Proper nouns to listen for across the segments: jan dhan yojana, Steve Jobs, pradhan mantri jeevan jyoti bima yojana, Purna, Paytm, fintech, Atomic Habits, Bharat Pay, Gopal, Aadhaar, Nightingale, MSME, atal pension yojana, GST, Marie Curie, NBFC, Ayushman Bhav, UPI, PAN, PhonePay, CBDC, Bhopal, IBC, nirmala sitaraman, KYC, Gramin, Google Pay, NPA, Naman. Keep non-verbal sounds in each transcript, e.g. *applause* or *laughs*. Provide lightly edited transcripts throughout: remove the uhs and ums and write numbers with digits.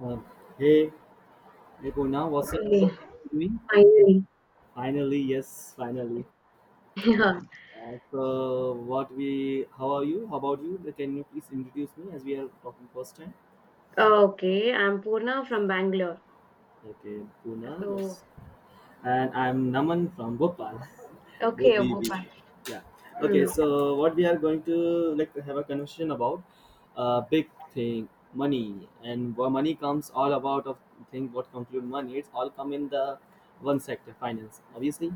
Uh, hey, hey Poona, what's up? Finally, You doing? finally. Finally, yes, finally. *laughs* Yeah. How are you? How about you? Can you please introduce me as we are talking first time? Okay, I'm Purna from Bangalore. Okay, Poona, So, yes. And I'm Naman from Bhopal. *laughs* Both okay, we, we, Gopal. yeah. Okay, Mm. so what we are going to like to have a conversation about, big thing, money, and where money comes all about of thing what conclude money. It's all come in the one sector, finance, obviously.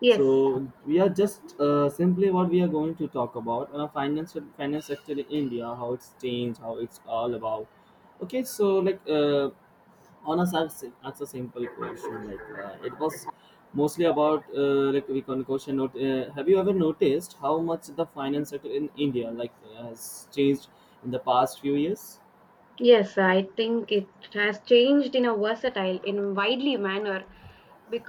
Yes, So we are just simply what we are going to talk about finance sector in India, how it's changed, how it's all about. Okay, so like on us as a simple question, like it was mostly about like we can question. Not, have you ever noticed how much the finance sector in India like has changed in the past few years? yes, I think it has changed in a versatile, in a widely manner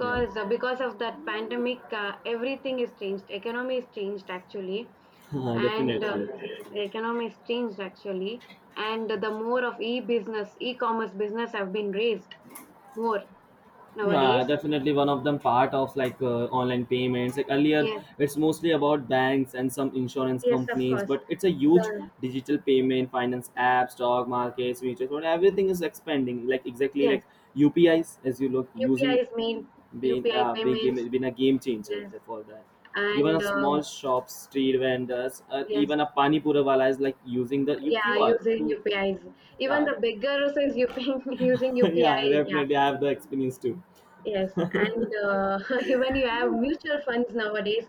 Yeah, uh, because of that pandemic. Everything is changed. Economy is changed actually, *laughs* and definitely. the economy is changed actually, and the more of e-business, e-commerce business have been raised more Yeah, nowadays. definitely one of them part of like online payments. Like earlier, Yes, it's mostly about banks and some insurance yes, of companies, course. but it's a huge The digital payment, finance apps, stock markets, mutual fund, everything is expanding. Like exactly yes like UPIs, as you look UPI using is made being UPI being payments, game been a game changer yes, for that. Even a and small shops, street vendors, or yes, even a pani puri wala is like using the yeah, UQR using to UPIs. Even yeah. the beggar is using *laughs* using *laughs* Yeah, UPI. Yeah, definitely I have the experience too. yes, and *laughs* even you have mutual funds nowadays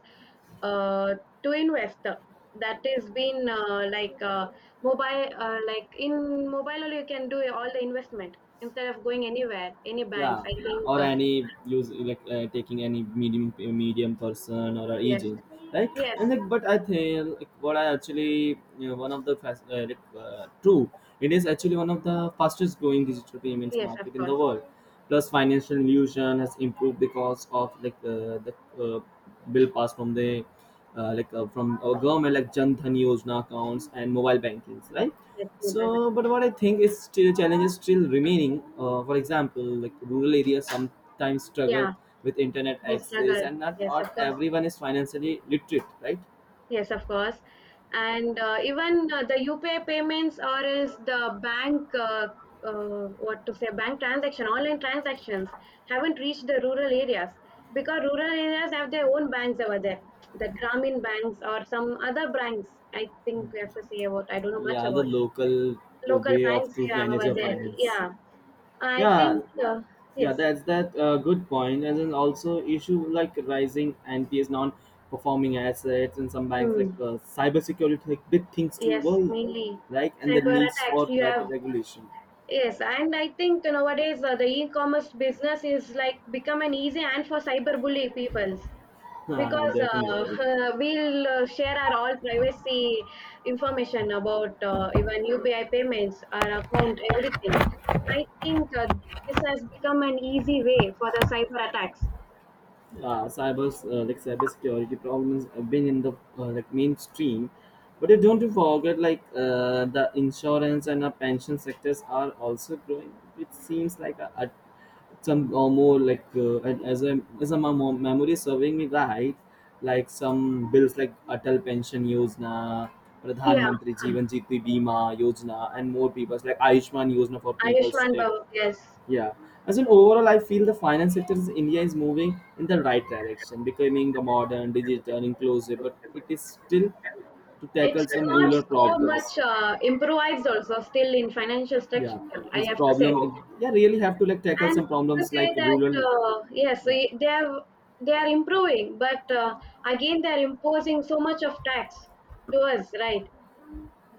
uh, to invest. That has been like mobile, like in mobile only you can do all the investment instead of going anywhere, any banks. Yeah, I think or any use like taking any medium person or a yes, agent, right? yes, And like, but I think like, what I actually you know, one of the fast like, true it is actually one of the fastest growing digital payments yes, of market in the course, world, plus financial inclusion has improved because of like the uh, bill passed from the from our government, like jan dhan yojana accounts and mobile bankings, right? yes, mobile bank. So, but what I think is still challenges still remaining. For example, like rural areas sometimes struggle Yeah. with internet The access, struggle. and not, Yes, of not course. everyone is financially literate, right? Yes, of course. And even the UPI payments or is the bank, what to say, bank transaction, online transactions haven't reached the rural areas because rural areas have their own banks over there, the Gramin banks or some other banks. I think we have to say about. I don't know much Yeah, the about local local way of banks to we have manage over your there. finance. Yeah, I Yeah, think yeah, yes, that's that good point. And then also issue like rising NPS, non-performing assets, and some banks like mm, cybersecurity, like big things to yes, worry, mainly right? And the cyber needs attacks. for You better have regulation. *laughs* Yes, and I think nowadays the e-commerce business is like become an easy and for cyberbully peoples. Ah, Because definitely. *laughs* We'll share our all privacy information about even UPI payments, our account, everything. I think this has become an easy way for the cyber attacks. Cybersecurity problems have been in the mainstream, but you don't forget like the insurance and pension sectors are also growing. It seems like a some or more like and as a my mem- memory is serving me right. Like some bills like atal pension yojana, pradhan Yeah, mantri jeevan jyoti bima yojana, and more people like ayushman yojana for people to Ayushman take, Bhav, yes. yeah. As an overall, I feel the finance sector in India is moving in the right direction, becoming the modern, digital, inclusive, but it is still to It's tackle some not rural so problems. much improvised also still in financial structure, Yeah, I this have to say. problem. Yeah, really have to like tackle And some to problems like say that rural. Yes, Yeah. They are improving, but again they are imposing so much of tax to us, right?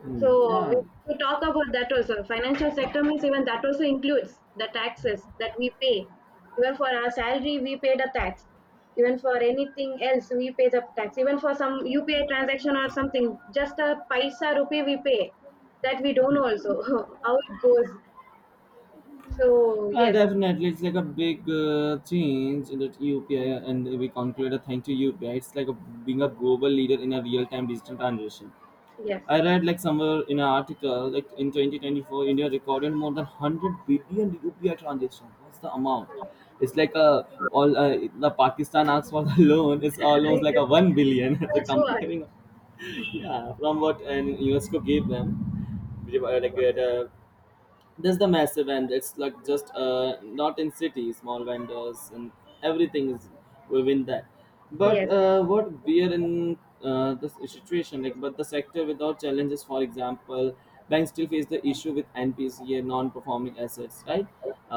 Mm, So we yeah. have to talk about that also. Financial sector means even that also includes the taxes that we pay. Even for our salary, we pay the tax. Even for anything else, we pay the tax. Even for some UPI transaction or something, just a paisa rupee we pay. That we don't know also *laughs* how it goes. So yes, Definitely, it's like a big change in that UPI, and we conclude a thank to UPI. It's like a, being a global leader in a real-time digital transition. yes. I read like somewhere in an article like in 2024, India recorded more than 100 billion UPI transactions. What's the amount? It's like a all the Pakistan asks for the *laughs* loan. It's almost like a 1 billion. *laughs* *laughs* The That's what. comparing, yeah, from what and UNESCO gave them, like the there's the massive end. It's like just not in cities, small vendors and everything is within that. But Yes. What we are in this situation, like, but the sector without challenges, for example, banks still face the issue with NPCA, non-performing assets, right?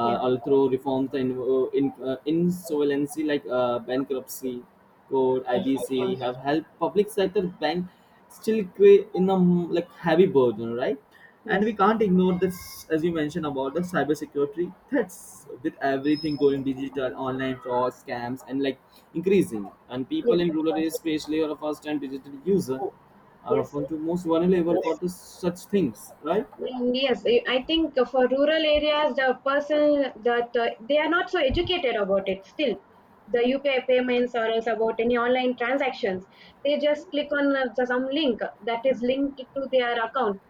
Yeah. Although reforms the in insolvency like bankruptcy code, Yes. Of IBC have course. helped public sector bank still create in a mm, like heavy burden, right? And Yes. we can't ignore this, as you mentioned about the cybersecurity threats with everything going digital, online frauds, scams, and like increasing. And Yes. people in Of rural areas, course. especially, are a first-time digital user, are Yes. often the most vulnerable for the, such things, right? Mm, yes. I think for rural areas, the person that they are not so educated about it. Still, the UPI payments or else about any online transactions, they just click on some link that is linked to their account.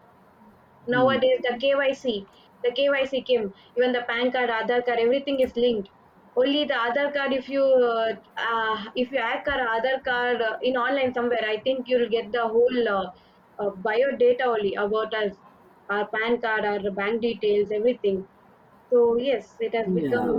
Hmm. Nowadays, the KYC, the KYC Kim, even the PAN card, Aadhaar card, everything is linked. Only the Aadhaar card, if you hack our Aadhaar card in online somewhere, I think you'll get the whole bio data only about us, our PAN card, our bank details, everything. So yes, it has become Yeah,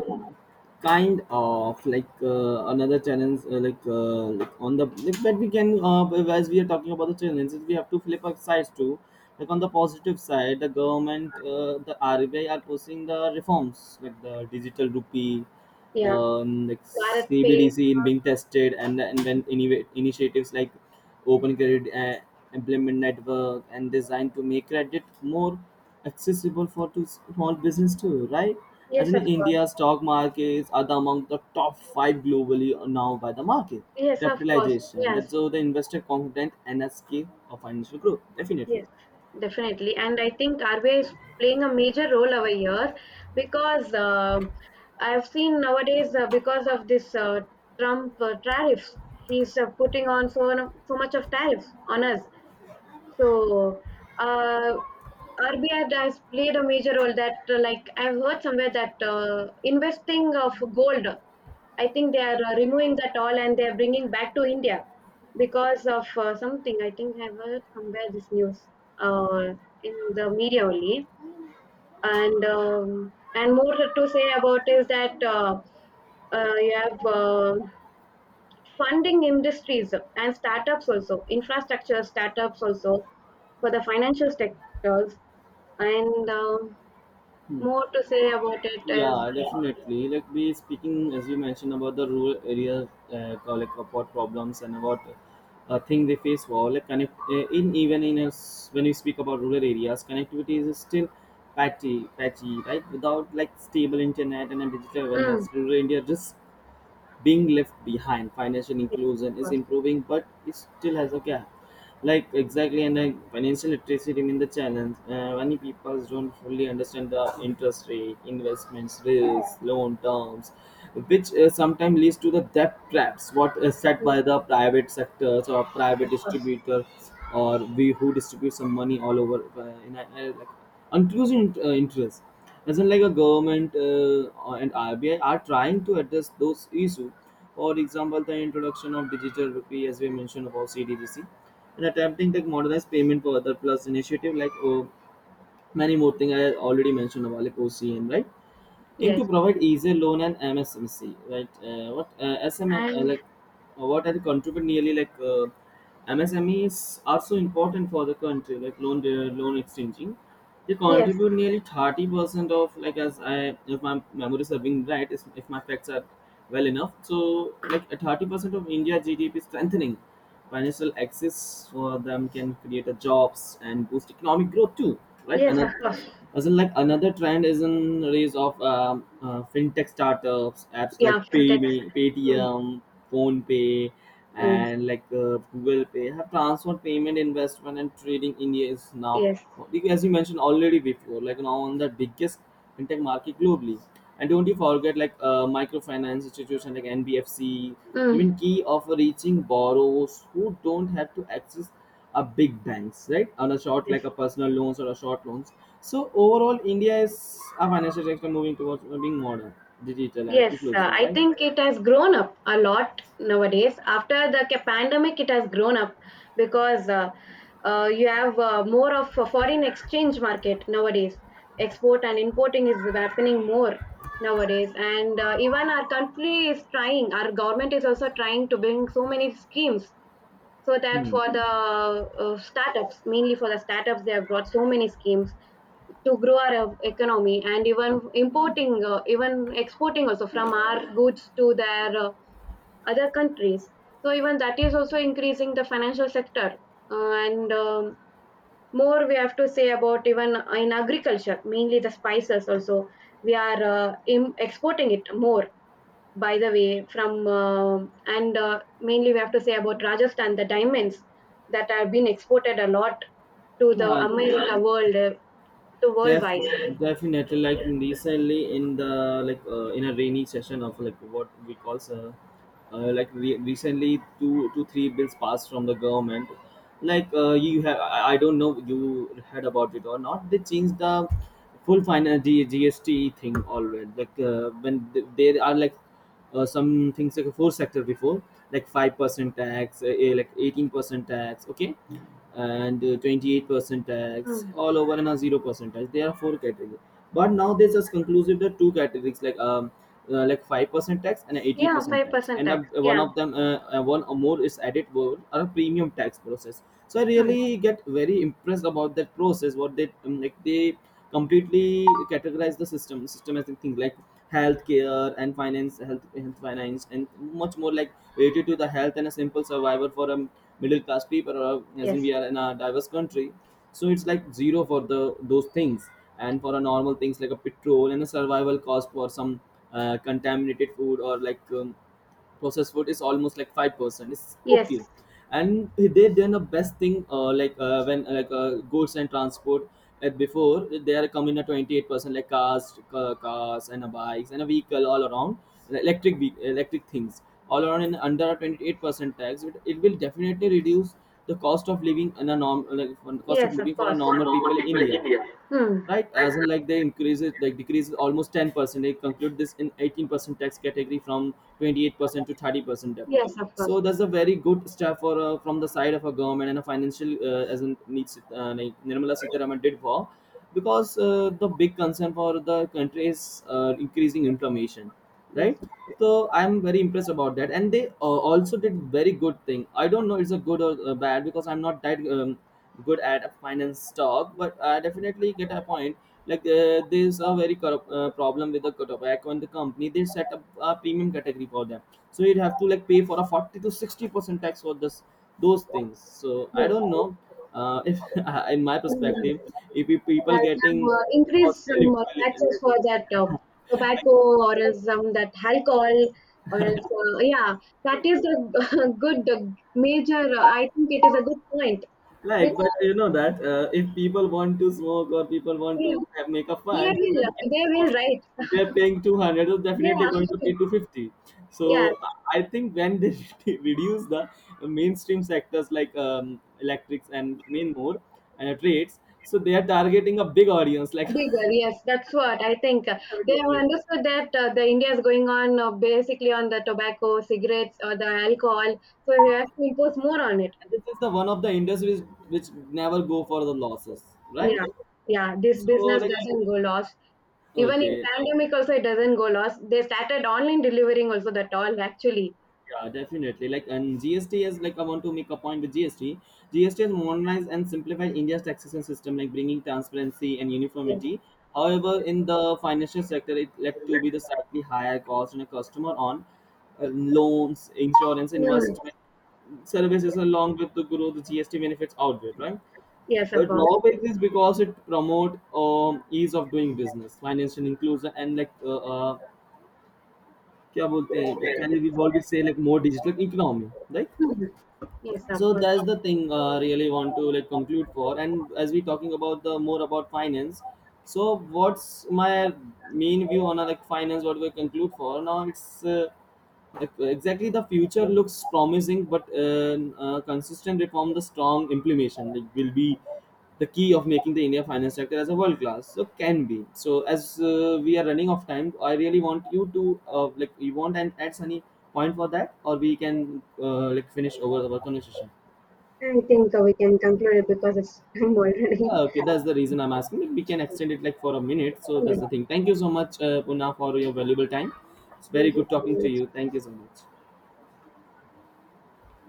kind of like another challenge on the like that we can as we are talking about the challenges, we have to flip our sides too, like on the positive side. The government the RBI are pushing the reforms like the digital rupee, yeah, like Bharat Pay. CBDC in being tested, and then innovate initiatives like open credit implement network and design to make credit more accessible for to small business too, right? As Yes, in, of course. India stock markets are the among the top five globally now by the market Yes, of course. capitalization. Yes, That's so the investor confident nsk of financial growth, definitely. yes, definitely. And I think RBI is playing a major role over here because I've seen nowadays because of this Trump tariffs, he's putting on so, so much of tariffs on us. So, uh, RBI has played a major role that, like, I've heard somewhere that investing of gold, I think they are removing that all, and they're bringing back to India because of something. I think I've heard somewhere this news uh, in the media only. And more to say about is that you have funding industries and startups also, infrastructure startups also for the financial sectors. And Hmm. more to say about it is, Yeah, definitely. Like we speaking as you mentioned about the rural areas, like about problems and about thing they face. Wow, like connect in even in us when we speak about rural areas, connectivity is still patchy, right? Without like stable internet and a digital mm, awareness, rural India risks being left behind. Financial yes, of inclusion is course, improving, but it still has a gap. Like exactly, and like financial literacy remains the challenge. Many people don't fully understand the interest rate, investments, risks, loan terms, which sometimes leads to the debt traps what is set mm, by the private sectors or of private course, distributor, or we who distribute some money all over in like unused in, interest. As in like a government and RBI are trying to address those issues. For example, the introduction of digital rupee as we mentioned about CDGC, and attempting to modernize payment for other, plus initiative like many more things I already mentioned about like OCM, right? Aim to yes, provide easier loan and MSMC, right? What SM and like what are contribute nearly like MSME is also important for the country, like loan exchanging. They yes, contribute nearly 30% of like, as I, if my memory is serving right, if my facts are well enough. So like 30% of India GDP. Strengthening financial access for them can create a jobs and boost economic growth too, right? yes, of Another course, as in, like another trend is in rise of fintech startups, apps like yeah, fintech, PayMe, mm, Paytm, PhonePay, mm, and like Google Pay have transferred payment, investment, and trading. India is now, yes, as you mentioned already before, like now on the biggest fintech market globally. And don't you forget like microfinance institutions like NBFC, mm, even key of reaching borrowers who don't have to access a big banks, right? On a short yes. like a personal loans or a short loans. So overall, India is a financial sector moving towards being modern, digital, and Yes, inclusive, I right? think it has grown up a lot nowadays. After the pandemic, it has grown up because you have more of a foreign exchange market nowadays. Export and importing is happening more nowadays, and even our country is trying. Our government is also trying to bring so many schemes so that Hmm. for the startups, mainly for the startups they have brought so many schemes to grow our economy, and even importing, even exporting also, from our goods to their other countries, so even that is also increasing the financial sector. And more we have to say about, even in agriculture, mainly the spices also, we are exporting it more. By the way, from and mainly we have to say about Rajasthan, the diamonds that have been exported a lot to the Uh, America world, to Def, worldwide. Definitely, like recently in the like in a rainy session of like what we call recently 2, 2, 3 bills passed from the government. Like you have I don't know you heard about it or not, they changed the full final gst thing always. Like when there are like some things like a four sector before, like 5% tax like 18% tax, okay, and 28% tax Hmm. all over and a 0% tax, there are four categories. But now they just conclusive the two categories, like 5% tax and Yeah, 80% tax, 5% and tax. One Yeah. of them one or more is added world or a premium tax process. So I Hmm. really get very impressed about that process what they like they completely categorize the system as a thing like healthcare and finance health, health finance, and much more like related to the health and a simple survivor for middle class people, or as in Yes, we are in a diverse country. So it's like zero for the those things, and for a normal things like a petrol and a survival cost for some contaminated food or like processed food is almost like 5%, it's yes, okay. And they done the best thing like when like goods and transport before they are coming at 28%, like cars cars and bikes and a vehicle all around, like, electric things all around in under 28% tax. It will definitely reduce the cost of living in a norm, like for the cost of yes, of living for a course, for normal normal people in people in India, India. Hmm. right? Right? As in like they increase it, like decrease it almost 10%. They conclude this in 18% tax category from 28% to 30% debt. Yes, of course. So that's a very good step for from the side of a government and a financial as in needs, like nirmala sitaraman did. For because the big concern for the country is increasing inflammation, right? So I'm very impressed about that. And they also did very good thing, I don't know it's a good or bad, because I'm not that good at finance talk, but I definitely get a point. Like there's a very corrupt, problem with the tobacco and the company. They set up a premium category for them, so you'd have to like pay for a 40 to 60% tax for this those things. So I Yes. don't know if *laughs* in my Mm. perspective, if you people Yeah, some, getting increase costly some taxes for that liquid- *laughs* like. tobacco or some that alcohol or is, yeah, that is a *laughs* good, major, I think it is a good point, Like, but you because know that if people want to smoke or people want yeah, to have, make a they fun, they will don't care. they will about- If right. they're paying 200, they're definitely going to Yeah. pay *laughs* 250. So Yeah, I think when they *laughs* reduce the mainstream sectors like electrics and main more and trades, so they are targeting a big audience. Like, bigger, yes, that's what I think *laughs* they have definitely. understood, that the India is going on, basically on the tobacco cigarettes or the alcohol, so we have to impose more on it. And this is the one of the industries which never go for the losses, right? Yeah, yeah. This So business like, doesn't go lost. Even in okay. pandemic also it doesn't go lost. They started online delivering also, that all actually. Yeah, definitely. Like, and GST is like I want to make a point with GST. GST has modernized and simplified India's taxation system, like bringing transparency and Yes. uniformity. However, in the financial sector, it led to be the slightly higher cost on a customer on loans, insurance, Mm. investment services, along with the growth, the GST benefits outweigh, right? Yes, of The course. drawback is because it promote ease of doing business, financial inclusion, and like uh, क्या बोलते हैं, like, can we always say like more digital economy, right? Mhm. Yes, of So course. that's the thing really want to like conclude for. And as we talking about the more about finance, so what's my main view on like finance what we conclude for now, it's uh, like, exactly the future looks promising, but consistent reform the strong implementation like will be the key of making the India finance sector as a world class. So can be. So as we are running off time, I really want you to like you want and add any point for that, or we can like finish over our conversation. I think we can conclude it because it's *laughs* time already. Okay, that's the reason I'm asking. Like, we can extend it like for a minute. So Yeah, that's the thing. Thank you so much, Puna, for your valuable time. It's very thank you good so talking to much. you. Thank you so much.